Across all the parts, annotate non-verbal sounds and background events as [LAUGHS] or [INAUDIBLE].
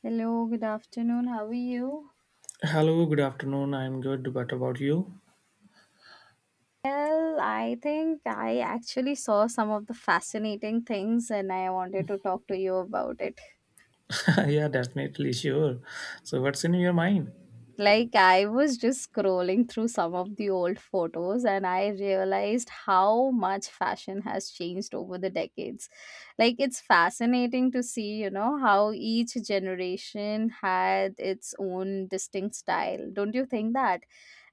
Hello, good afternoon. How are you? Hello, good afternoon. I'm good. What about you? Well, I think I actually saw some of the fascinating things and I wanted to talk to you about it. [LAUGHS] Yeah, definitely, sure. So, what's in your mind? Like, I was just scrolling through some of the old photos and I realized how much fashion has changed over the decades. Like, it's fascinating to see, you know, how each generation had its own distinct style. Don't you think that?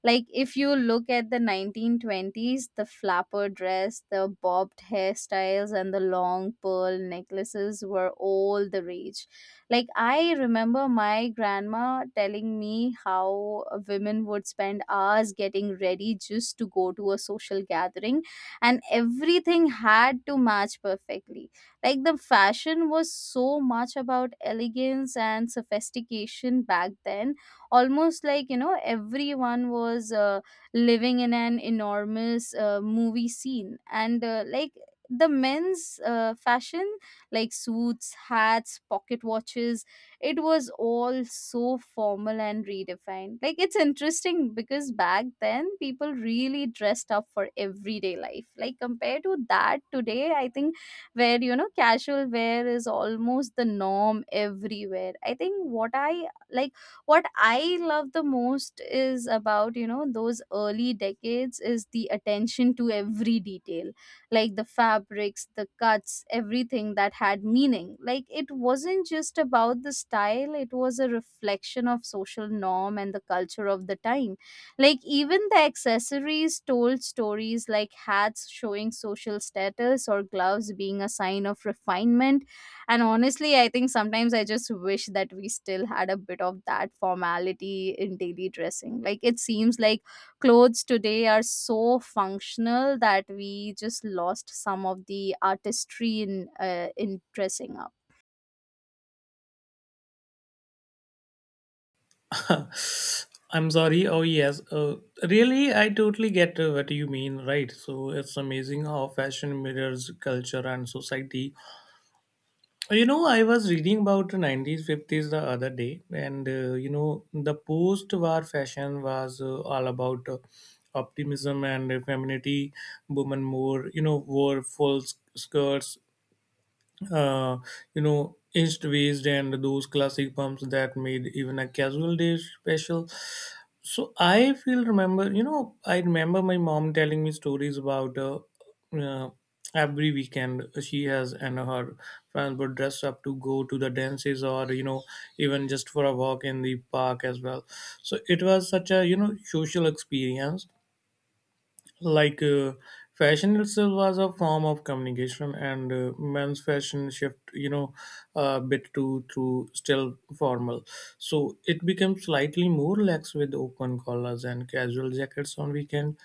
Like, if you look at the 1920s, the flapper dress, the bobbed hairstyles, and the long pearl necklaces were all the rage like, I remember my grandma telling me how women would spend hours getting ready just to go to a social gathering, and everything had to match perfectly. Like, the fashion was so much about elegance and sophistication back then, almost like, you know, everyone was. Living in an enormous movie scene and like the men's fashion like suits, hats, pocket watches. It was all so formal and redefined. Like it's interesting because back then people really dressed up for everyday life. Like compared to that today, I think where you know casual wear is almost the norm everywhere. I think what I love the most is about you know those early decades is the attention to every detail like the fabrics, the cuts, everything that had meaning. Like it wasn't just about the style, it was a reflection of social norm and the culture of the time. Like even the accessories told stories like hats showing social status or gloves being a sign of refinement. And honestly, I think sometimes I just wish that we still had a bit of that formality in daily dressing. Like it seems like clothes today are so functional that we just lost some of the artistry in dressing up. [LAUGHS] I'm sorry. Oh, yes. Really, I totally get what you mean, right? So, it's amazing how fashion mirrors culture and society. You know, I was reading about the 90s, 50s the other day, and you know, the post war fashion was all about. Optimism and femininity. Women more you know wore full skirts, uh, you know, inched waist and those classic pumps that made even a casual day special. So I feel remember, you know, I remember my mom telling me stories about uh, every weekend she has, and her friends were dressed up to go to the dances or, you know, even just for a walk in the park as well. So it was such a, you know, social experience, like uh, fashion itself was a form of communication. And men's fashion shift, you know, a bit to through still formal, so it becomes slightly more lax with open collars and casual jackets on weekend.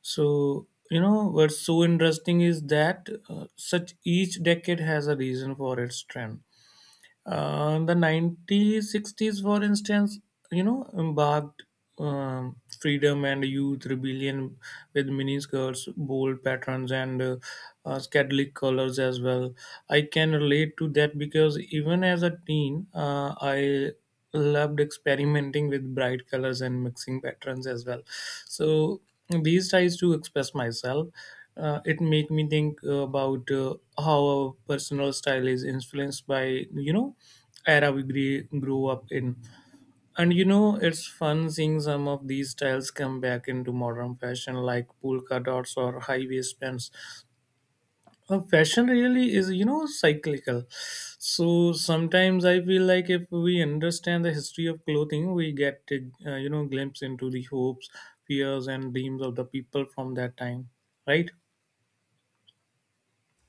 So, you know, what's so interesting is that such each decade has a reason for its trend. The 1960s, for instance, you know, embarked freedom and youth rebellion with miniskirts, bold patterns, and psychedelic colors as well. I can relate to that because even as a teen, I loved experimenting with bright colors and mixing patterns as well. So these tries to express myself. It make me think about how our personal style is influenced by, you know, era we grew up in. And, you know, it's fun seeing some of these styles come back into modern fashion like polka dots or high waist pants. Fashion really is, you know, cyclical. So sometimes I feel like if we understand the history of clothing, we get, you know, glimpse into the hopes, fears, and dreams of the people from that time, right?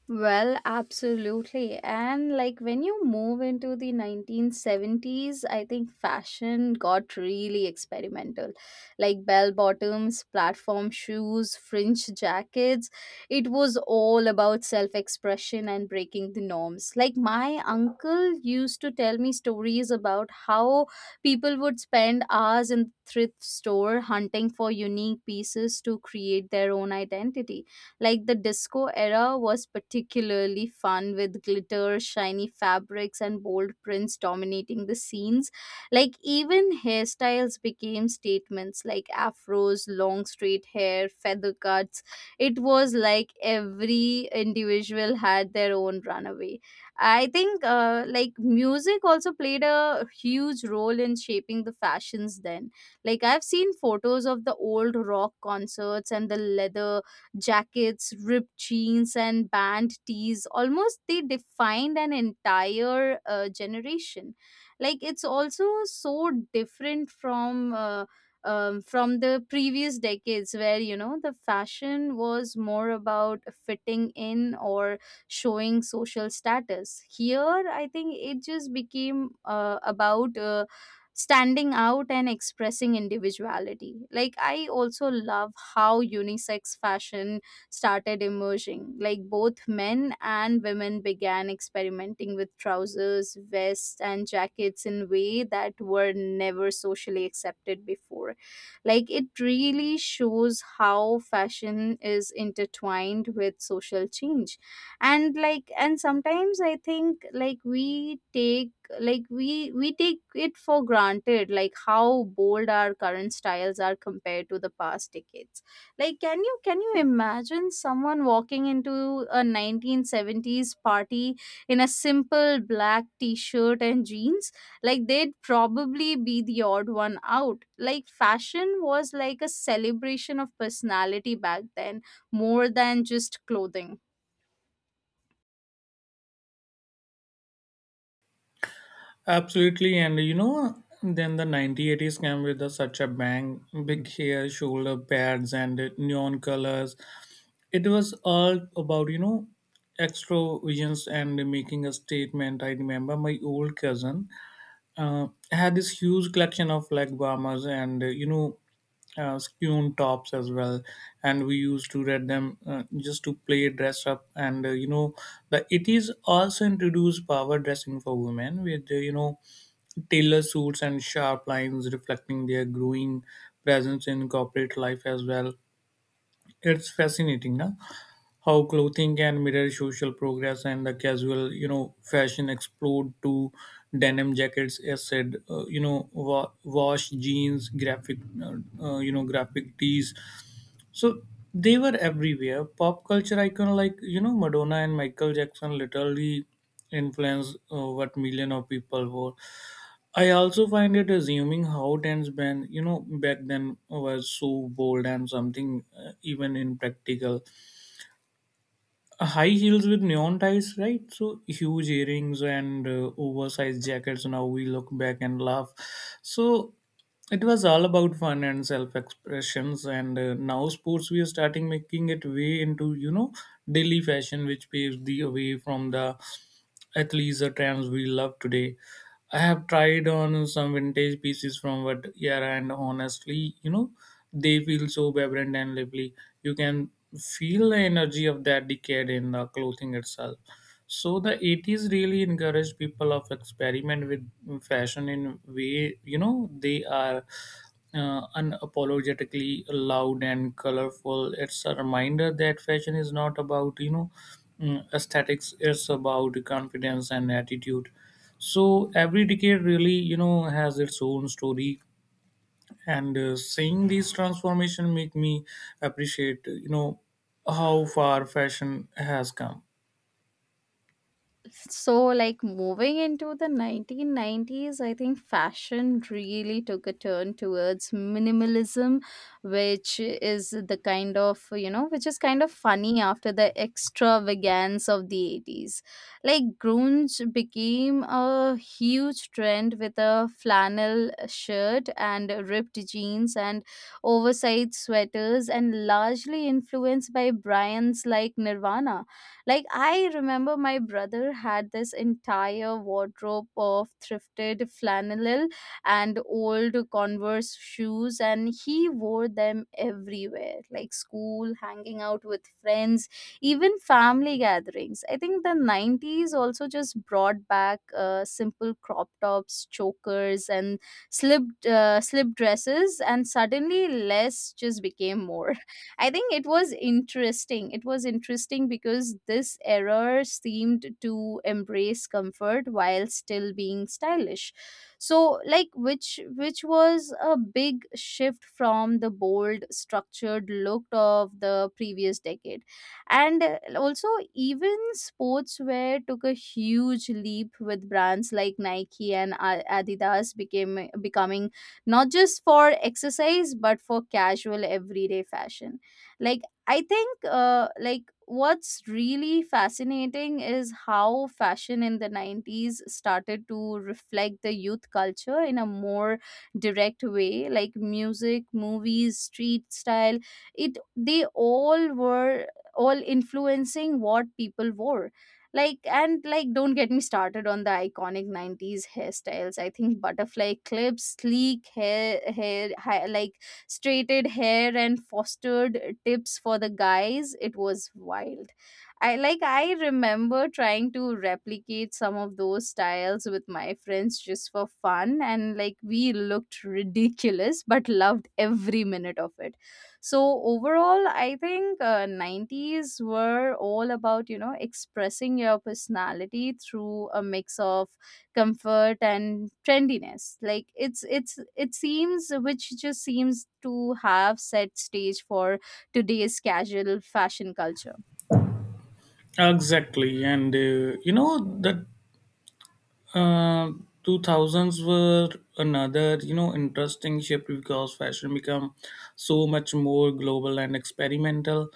Well, absolutely. And like when you move into the 1970s, I think fashion got really experimental. Like bell bottoms, platform shoes, fringe jackets. It was all about self expression and breaking the norms. Like my uncle used to tell me stories about how people would spend hours in thrift store hunting for unique pieces to create their own identity like the disco era was particularly fun with glitter, shiny fabrics, and bold prints dominating the scenes. Like even hairstyles became statements like afros, long straight hair, feather cuts. It was like every individual had their own runaway. I think like music also played a huge role in shaping the fashions then. Like I've seen photos of the old rock concerts and the leather jackets, ripped jeans, and band tees. Almost they defined an entire generation. Like it's also so different from the previous decades where you know the fashion was more about fitting in or showing social status here. I think it just became about standing out and expressing individuality. Like, I also love how unisex fashion started emerging. Like, both men and women began experimenting with trousers, vests, and jackets in way that were never socially accepted before. Like, it really shows how fashion is intertwined with social change. And, like, and sometimes I think, like, we take it for granted like how bold our current styles are compared to the past decades like can you imagine someone walking into a 1970s party in a simple black t-shirt and jeans like they'd probably be the odd one out like fashion was like a celebration of personality back then more than just clothing. Absolutely, and you know, then the 1980s came with the, such a bang, big hair, shoulder pads, and neon colors. It was all about, you know, extroversions and making a statement. I remember my old cousin. I had this huge collection of like bombers and, you know, skewn tops as well, and we used to read them just to play dress up. And, you know, the it is also introduced power dressing for women with, you know, tailor suits and sharp lines reflecting their growing presence in corporate life as well. It's fascinating, na? How clothing can mirror social progress. And the casual, you know, fashion explode to denim jackets as said, you know, wash jeans, graphic, you know, graphic tees. So they were everywhere. Pop culture icon like, you know, Madonna and Michael Jackson literally influenced what million of people wore. I also find it assuming how dance band, you know, back then was so bold and something, even impractical. High heels with neon ties, right? So huge earrings and, oversized jackets. Now we look back and laugh. So it was all about fun and self-expressions. And now sports we are starting making it way into, you know, daily fashion, which paves the way from the athleisure trends we love today. I have tried on some vintage pieces from what era, and honestly, you know, they feel so vibrant and lively. You can feel the energy of that decade in the clothing itself. So the 80s really encouraged people of experiment with fashion in way, you know, they are unapologetically loud and colorful. It's a reminder that fashion is not about, you know, aesthetics. It's about confidence and attitude. So every decade really, you know, has its own story. And seeing these transformation make me appreciate, you know, how far fashion has come. So, like moving into the 1990s, I think fashion really took a turn towards minimalism, which is the kind of, you know, which is kind of funny after the extravagance of the 80s. Like, grunge became a huge trend with a flannel shirt and ripped jeans and oversized sweaters, and largely influenced by brands like Nirvana like, I remember my brother had this entire wardrobe of thrifted flannel and old Converse shoes, and he wore them everywhere, like school, hanging out with friends, even family gatherings. I think the 90s also just brought back simple crop tops, chokers, and slip, slip dresses, and suddenly less just became more. I think it was interesting. It was interesting because this error seemed to embrace comfort while still being stylish. So like which was a big shift from the bold structured look of the previous decade. And also even sportswear took a huge leap with brands like Nike and Adidas became becoming not just for exercise but for casual everyday fashion like I think like what's really fascinating is how fashion in the 90s started to reflect the youth culture in a more direct way like music, movies, street style, it they all were all influencing what people wore like. And like don't get me started on the iconic 90s hairstyles. I think butterfly clips, sleek like straighted hair and fostered tips for the guys. It was wild. I remember trying to replicate some of those styles with my friends just for fun and like we looked ridiculous but loved every minute of it. So overall I think 90s were all about you know expressing your personality through a mix of comfort and trendiness like it's it seems which just seems to have set stage for today's casual fashion culture. Exactly. And, you know, that uh, 2000s were another, you know, interesting shift because fashion become so much more global and experimental.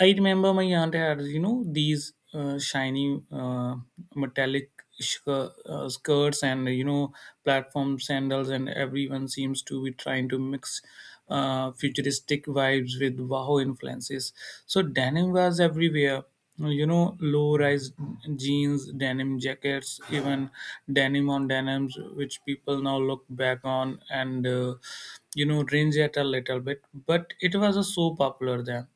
I remember my aunt had, you know, these shiny, metallic sh- uh, skirts, and, you know, platform sandals, and everyone seems to be trying to mix futuristic vibes with wow influences. So denim was everywhere. You know, low rise jeans, denim jackets, even denim on denims, which people now look back on and, you know, range at a little bit. But it was so popular then.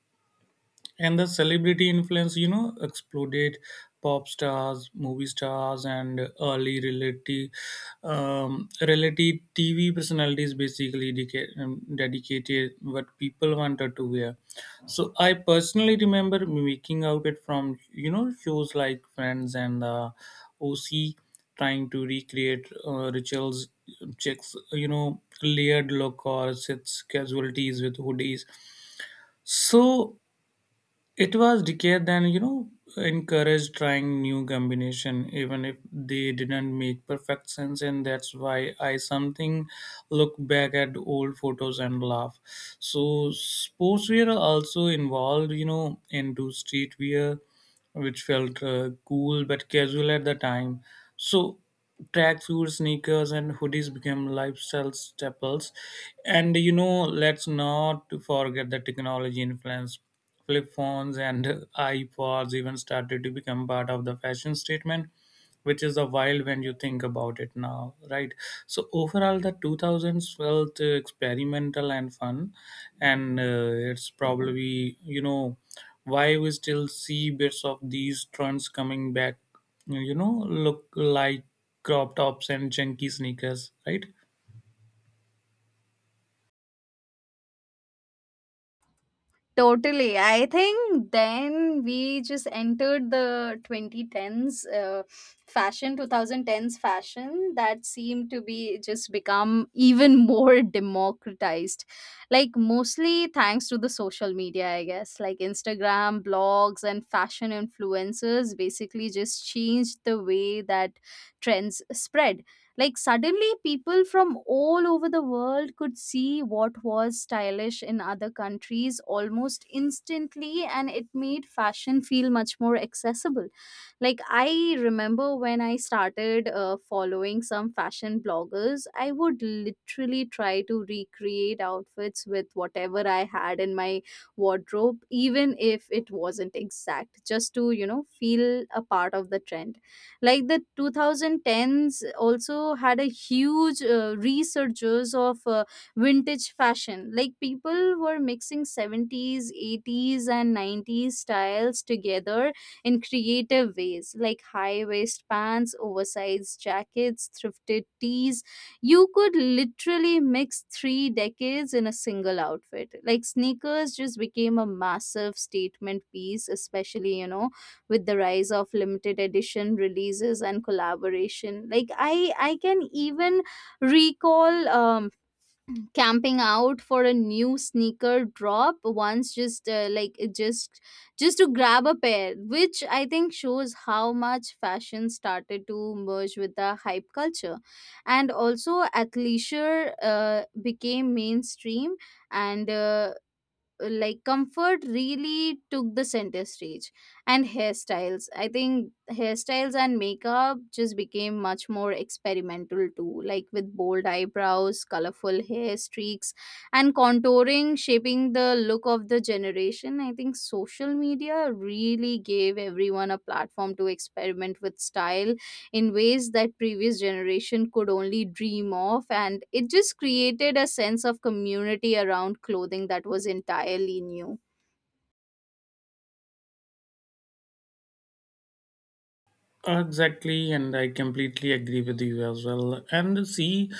And the celebrity influence, you know, exploded. Pop stars, movie stars, and early reality reality tv personalities basically dedicated what people wanted to wear. So I personally remember mimicking outfit from, you know, shows like Friends and, OC, trying to recreate rituals, checks, you know, layered look or sits casualties with hoodies. So it was decade then, you know, encouraged trying new combination, even if they didn't make perfect sense, and that's why I something look back at old photos and laugh. So sportswear also involved, you know, into streetwear, which felt cool but casual at the time. So tracksuit, sneakers, and hoodies became lifestyle staples. And, you know, let's not forget the technology influence. Flip phones and iPods even started to become part of the fashion statement, which is the wild when you think about it now, right? So overall, the 2000s felt experimental and fun, and, it's probably, you know, why we still see bits of these trends coming back. You know, look like crop tops and chunky sneakers, right? Totally. I think then we just entered the 2010s fashion that seemed to be just become even more [LAUGHS] democratized. Like, mostly thanks to the social media, I guess. Like, Instagram, blogs, and fashion influencers basically just changed the way that trends spread like suddenly people from all over the world could see what was stylish in other countries almost instantly and it made fashion feel much more accessible. Like I remember when I started following some fashion bloggers, I would literally try to recreate outfits with whatever I had in my wardrobe even if it wasn't exact just to, you know, feel a part of the trend like the 2010s also had a huge resurgence of vintage fashion like people were mixing 70s, 80s and 90s styles together in creative ways like high waist pants, oversized jackets, thrifted tees. You could literally mix three decades in a single outfit like sneakers just became a massive statement piece especially you know with the rise of limited edition releases and collaboration like I can even recall camping out for a new sneaker drop once just like it just to grab a pair which I think shows how much fashion started to merge with the hype culture. And also athleisure became mainstream and like comfort really took the center stage. And hairstyles, I think hairstyles and makeup just became much more experimental too like with bold eyebrows, colorful hair streaks and contouring shaping the look of the generation. I think social media really gave everyone a platform to experiment with style in ways that previous generation could only dream of and it just created a sense of community around clothing that was entirely new. Exactly, and I completely agree with you as well. And see,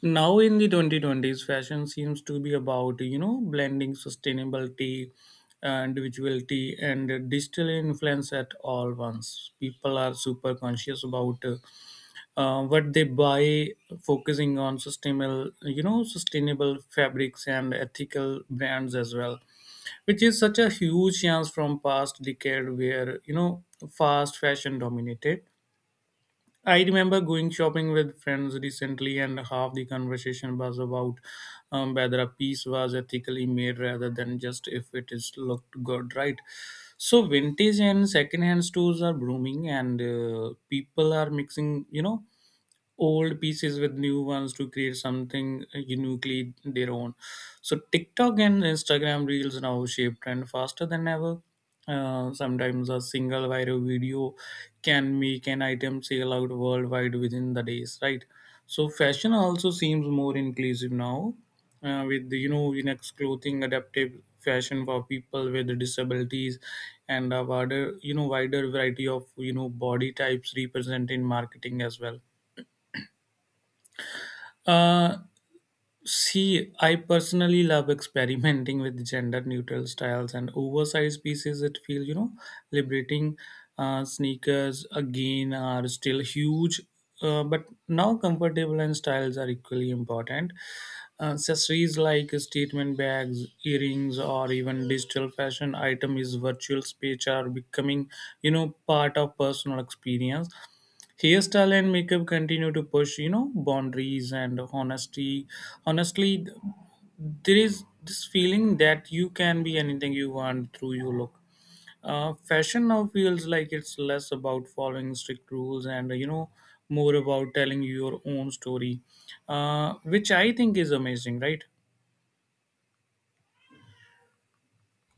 now in the 2020s, fashion seems to be about, you know, blending sustainability, individuality, and digital influence at all once. People are super conscious about what they buy, focusing on sustainable, you know, sustainable fabrics and ethical brands as well, which is such a huge chance from past decade where, you know, fast fashion dominated. I remember going shopping with friends recently, and half the conversation was about whether a piece was ethically made rather than just if it is looked good, right? So vintage and secondhand stores are blooming, and people are mixing, you know, old pieces with new ones to create something uniquely their own. So TikTok and Instagram reels now shape trend faster than ever. Sometimes a single viral video can make an item sell out worldwide within the days, right? So fashion also seems more inclusive now, with the, you know, unisex clothing, adaptive fashion for people with disabilities, and a wider, you know, wider variety of, you know, body types represented in marketing as well. uh, See, I personally love experimenting with gender neutral styles and oversized pieces. It feels, you know, liberating. Sneakers again are still huge, but now comfortable and styles are equally important. Accessories like statement bags, earrings, or even digital fashion item is virtual speech are becoming, you know, part of personal experience. Hairstyle and makeup continue to push, you know, boundaries. And honesty honestly, there is this feeling that you can be anything you want through your look. Fashion now feels like it's less about following strict rules and, you know, more about telling your own story, which I think is amazing, right?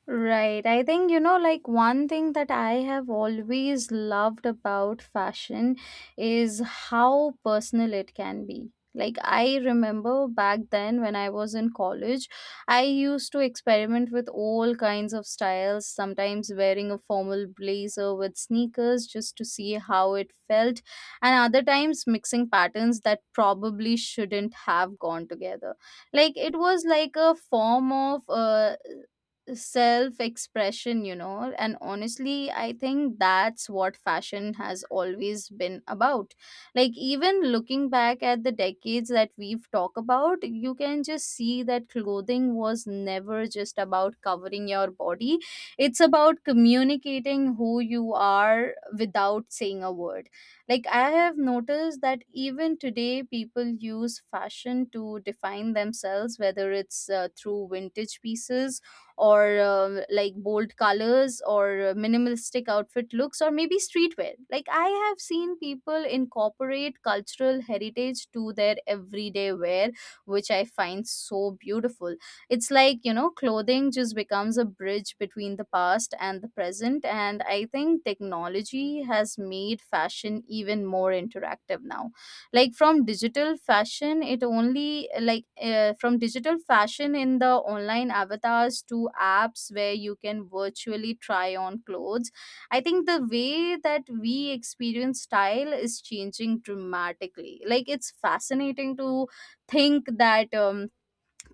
Right. I think, you know, like one thing that I have always loved about fashion is how personal it can be. Like, I remember back then when I was in college, I used to experiment with all kinds of styles, sometimes wearing a formal blazer with sneakers just to see how it felt, and other times mixing patterns that probably shouldn't have gone together. Like, it was like a form of self expression, you know. And honestly, I think that's what fashion has always been about. Like, even looking back at the decades that we've talked about, you can just see that clothing was never just about covering your body, it's about communicating who you are without saying a word. Like, I have noticed that even today, people use fashion to define themselves, whether it's through vintage pieces or like bold colors or minimalistic outfit looks or maybe streetwear like I have seen people incorporate cultural heritage to their everyday wear which I find so beautiful. It's like you know clothing just becomes a bridge between the past and the present. And I think technology has made fashion even more interactive now like from digital fashion in the online avatars to apps where you can virtually try on clothes. I think the way that we experience style is changing dramatically like it's fascinating to think that um,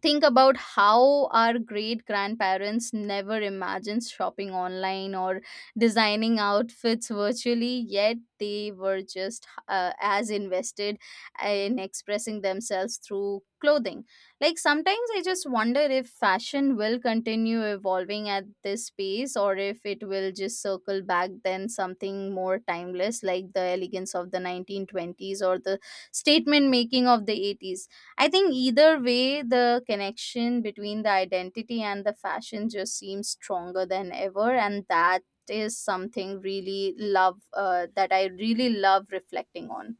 think about how our great grandparents never imagined shopping online or designing outfits virtually, yet they were just as invested in expressing themselves through clothing. Like sometimes I just wonder if fashion will continue evolving at this pace or if it will just circle back then something more timeless like the elegance of the 1920s or the statement making of the 80s. I think either way, the connection between the identity and the fashion just seems stronger than ever, and that is something really love, that I really love reflecting on.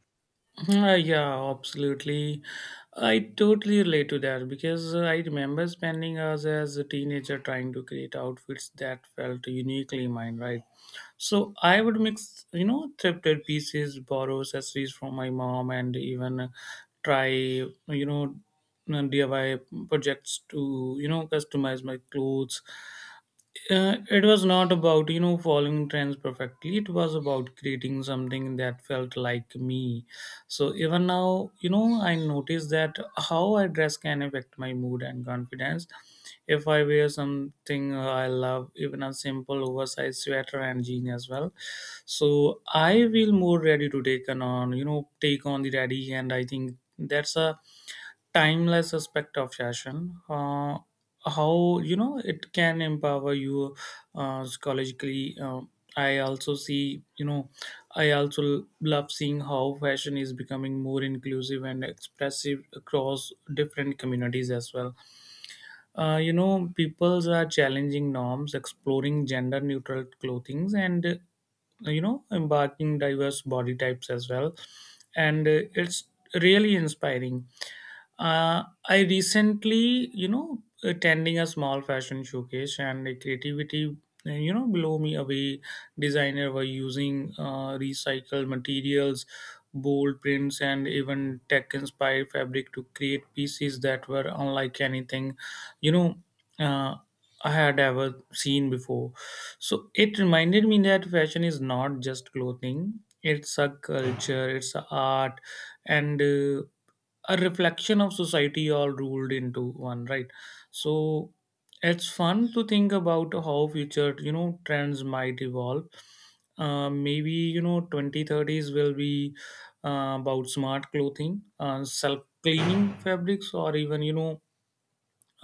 Yeah, absolutely. I totally relate to that because I remember spending hours as a teenager trying to create outfits that felt uniquely mine, right? So I would mix, you know, thrifted pieces, borrow accessories from my mom, and even, try, you know, DIY projects to, you know, customize my clothes. It was not about, you know, following trends perfectly. It was about creating something that felt like me. So even now, you know, I notice that how I dress can affect my mood and confidence. If I wear something, I love even a simple oversized sweater and jean as well. So I feel more ready to take on, you know, take on the daddy. And I think that's a timeless aspect of fashion, how, you know, it can empower you, psychologically. I also see, you know, I also love seeing how fashion is becoming more inclusive and expressive across different communities as well. You know, peoples are challenging norms, exploring gender neutral clothings, and, you know, embarking diverse body types as well. And it's really inspiring. I recently, you know, attending a small fashion showcase, and the creativity, you know, blow me away. Designer were using recycled materials, bold prints, and even tech-inspired fabric to create pieces that were unlike anything, you know uh, I had ever seen before. So it reminded me that fashion is not just clothing; it's a culture, it's a art, and a reflection of society all rolled into one. Right. So it's fun to think about how future, you know, trends might evolve. Maybe, you know, 2030s will be about smart clothing, self cleaning fabrics, or even, you know,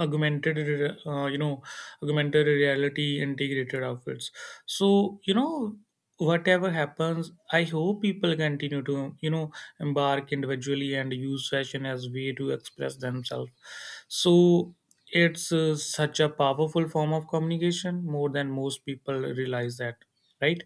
you know, augmented reality integrated outfits. So, you know, whatever happens, I hope people continue to, you know, embark individually and use fashion as way to express themselves. So it's such a powerful form of communication, more than most people realize that, right?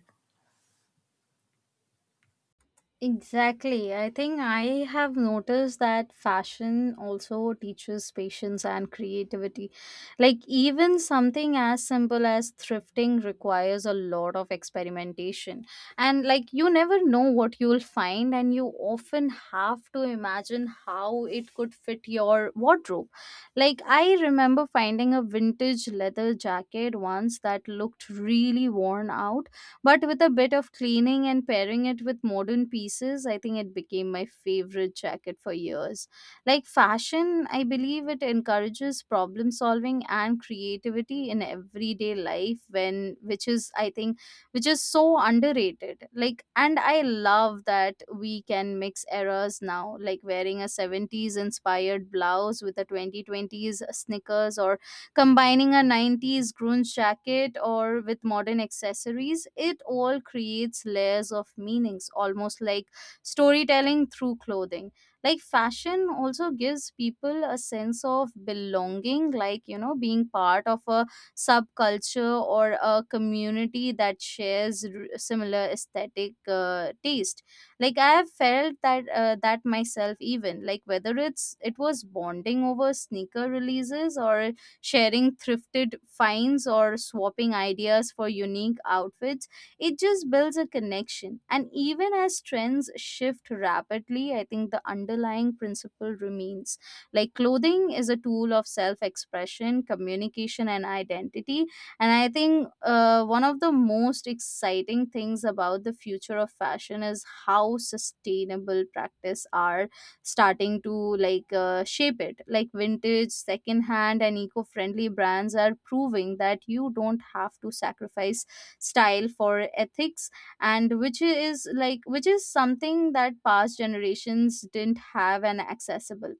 Exactly. I think I have noticed that fashion also teaches patience and creativity. Like, even something as simple as thrifting requires a lot of experimentation. And, like, you never know what you'll find, and you often have to imagine how it could fit your wardrobe. Like, I remember finding a vintage leather jacket once that looked really worn out, but with a bit of cleaning and pairing it with modern pieces, I think it became my favorite jacket for years. Like fashion, I believe it encourages problem solving and creativity in everyday life when which is I think which is so underrated. Like, and I love that we can mix eras now, like wearing a 70s inspired blouse with a 2020s sneakers or combining a 90s grunge jacket or with modern accessories. It all creates layers of meanings, almost like storytelling through clothing. Like fashion also gives people a sense of belonging, like, you know, being part of a subculture or a community that shares similar aesthetic taste. Like I have felt that, that myself even, like whether it was bonding over sneaker releases or sharing thrifted finds or swapping ideas for unique outfits. It just builds a connection. And even as trends shift rapidly, I think the underlying principle remains. Like clothing is a tool of self expression, communication, and identity. And I think one of the most exciting things about the future of fashion is how sustainable practice are starting to like shape it, like vintage secondhand and eco-friendly brands are proving that you don't have to sacrifice style for ethics, and which is like which is something that past generations didn't have and accessible.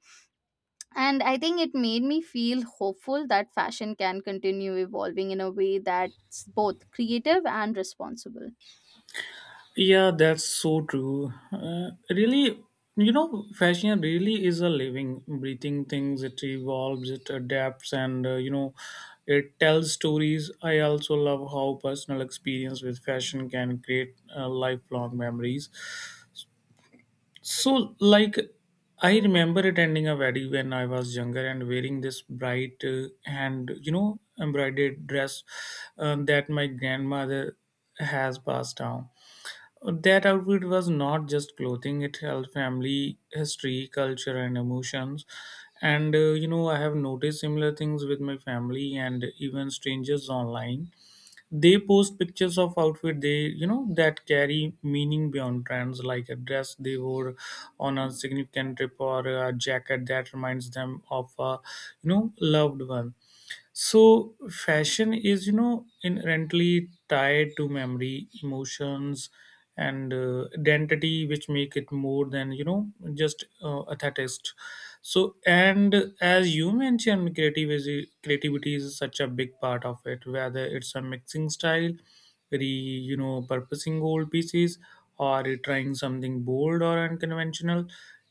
And I think it made me feel hopeful that fashion can continue evolving in a way that's both creative and responsible. Yeah, that's so true. Really, you know, fashion really is a living, breathing things. It evolves, it adapts, and, you know, it tells stories. I also love how personal experience with fashion can create lifelong memories. So, like, I remember attending a wedding when I was younger and wearing this bright, and you know, embroidered dress that my grandmother has passed down. That outfit was not just clothing, it held family, history, culture, and emotions. And, you know, I have noticed similar things with my family and even strangers online. They post pictures of outfit they, you know, that carry meaning beyond trends, like a dress they wore on a significant trip or a jacket that reminds them of a, you know, loved one. So fashion is, you know, inherently tied to memory, emotions, and, identity, which make it more than, you know, just aesthetics. So, and as you mentioned, creative is creativity is such a big part of it. Whether it's a mixing style, re you know, purposing old pieces, or trying something bold or unconventional,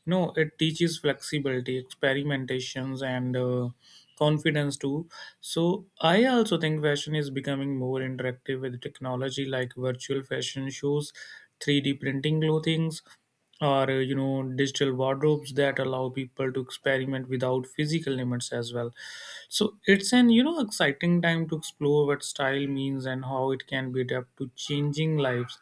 you know, it teaches flexibility, experimentations, and, confidence too. So I also think fashion is becoming more interactive with technology like virtual fashion shows, 3D printing clothings, or, you know, digital wardrobes that allow people to experiment without physical limits as well. So it's an, you know, exciting time to explore what style means and how it can be adapted to changing lives,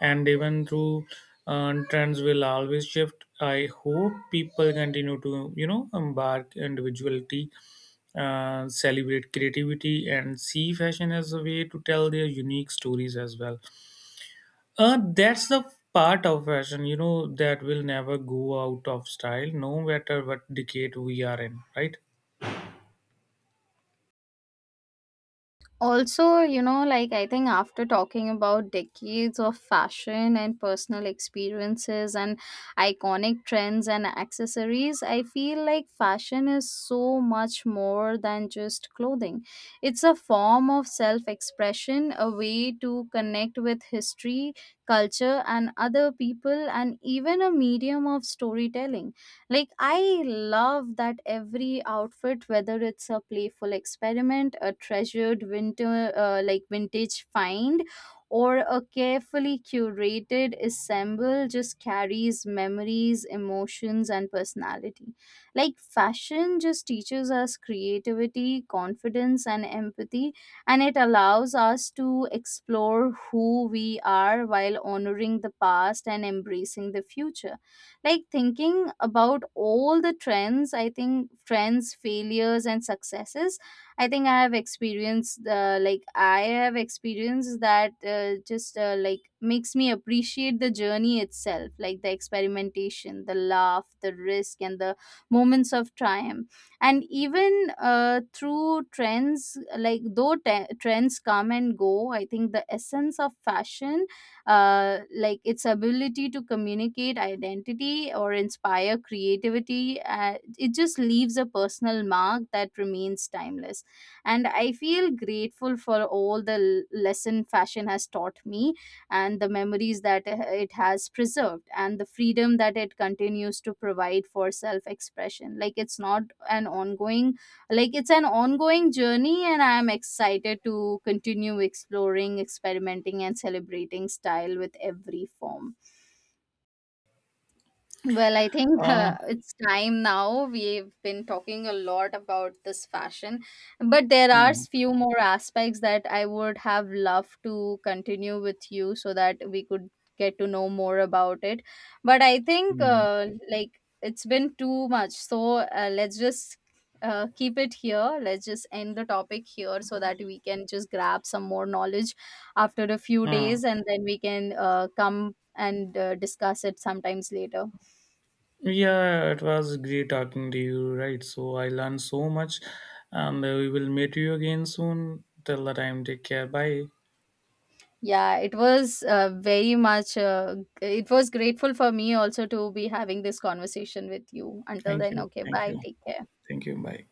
and even through, trends will always shift. I hope people continue to, you know, embark individuality, celebrate creativity, and see fashion as a way to tell their unique stories as well. That's the part of fashion, you know, that will never go out of style, no matter what decade we are in, right? Also, you know, like I think after talking about decades of fashion and personal experiences and iconic trends and accessories, I feel like fashion is so much more than just clothing. It's a form of self expression, a way to connect with history, culture, and other people, and even a medium of storytelling. Like, I love that every outfit, whether it's a playful experiment, a treasured winter, like vintage find, or a carefully curated assemble, just carries memories, emotions, and personality. Like, fashion just teaches us creativity, confidence, and empathy, and it allows us to explore who we are while honoring the past and embracing the future. Like thinking about all the trends, I think trends failures and successes I think I have experienced, like I have experienced that, just like makes me appreciate the journey itself, like the experimentation, the laugh, the risk, and the moments of triumph. And even through trends, like trends come and go, I think the essence of fashion, like its ability to communicate identity or inspire creativity, it just leaves a personal mark that remains timeless. And I feel grateful for all the lesson fashion has taught me, and the memories that, it has preserved, and the freedom that it continues to provide for self expression. Like it's not an ongoing like it's an ongoing journey, and I'm excited to continue exploring, experimenting, and celebrating style with every form. Well, I think [LAUGHS] Uh, it's time now. We've been talking a lot about this fashion, but there are mm. Few more aspects that I would have loved to continue with you so that we could get to know more about it. But I think Mm. Like it's been too much. So let's just keep it here. Let's just end the topic here so that we can just grab some more knowledge after a few Mm. days, and then we can come and discuss it sometimes later. Yeah, it was great talking to you, right? So I learned so much, and, we will meet you again soon. Till the time, take care. Bye. Yeah, it was very much, it was grateful for me also to be having this conversation with you. Until Thank then, you. okay, Thank you. bye, take care. Thank you. Bye.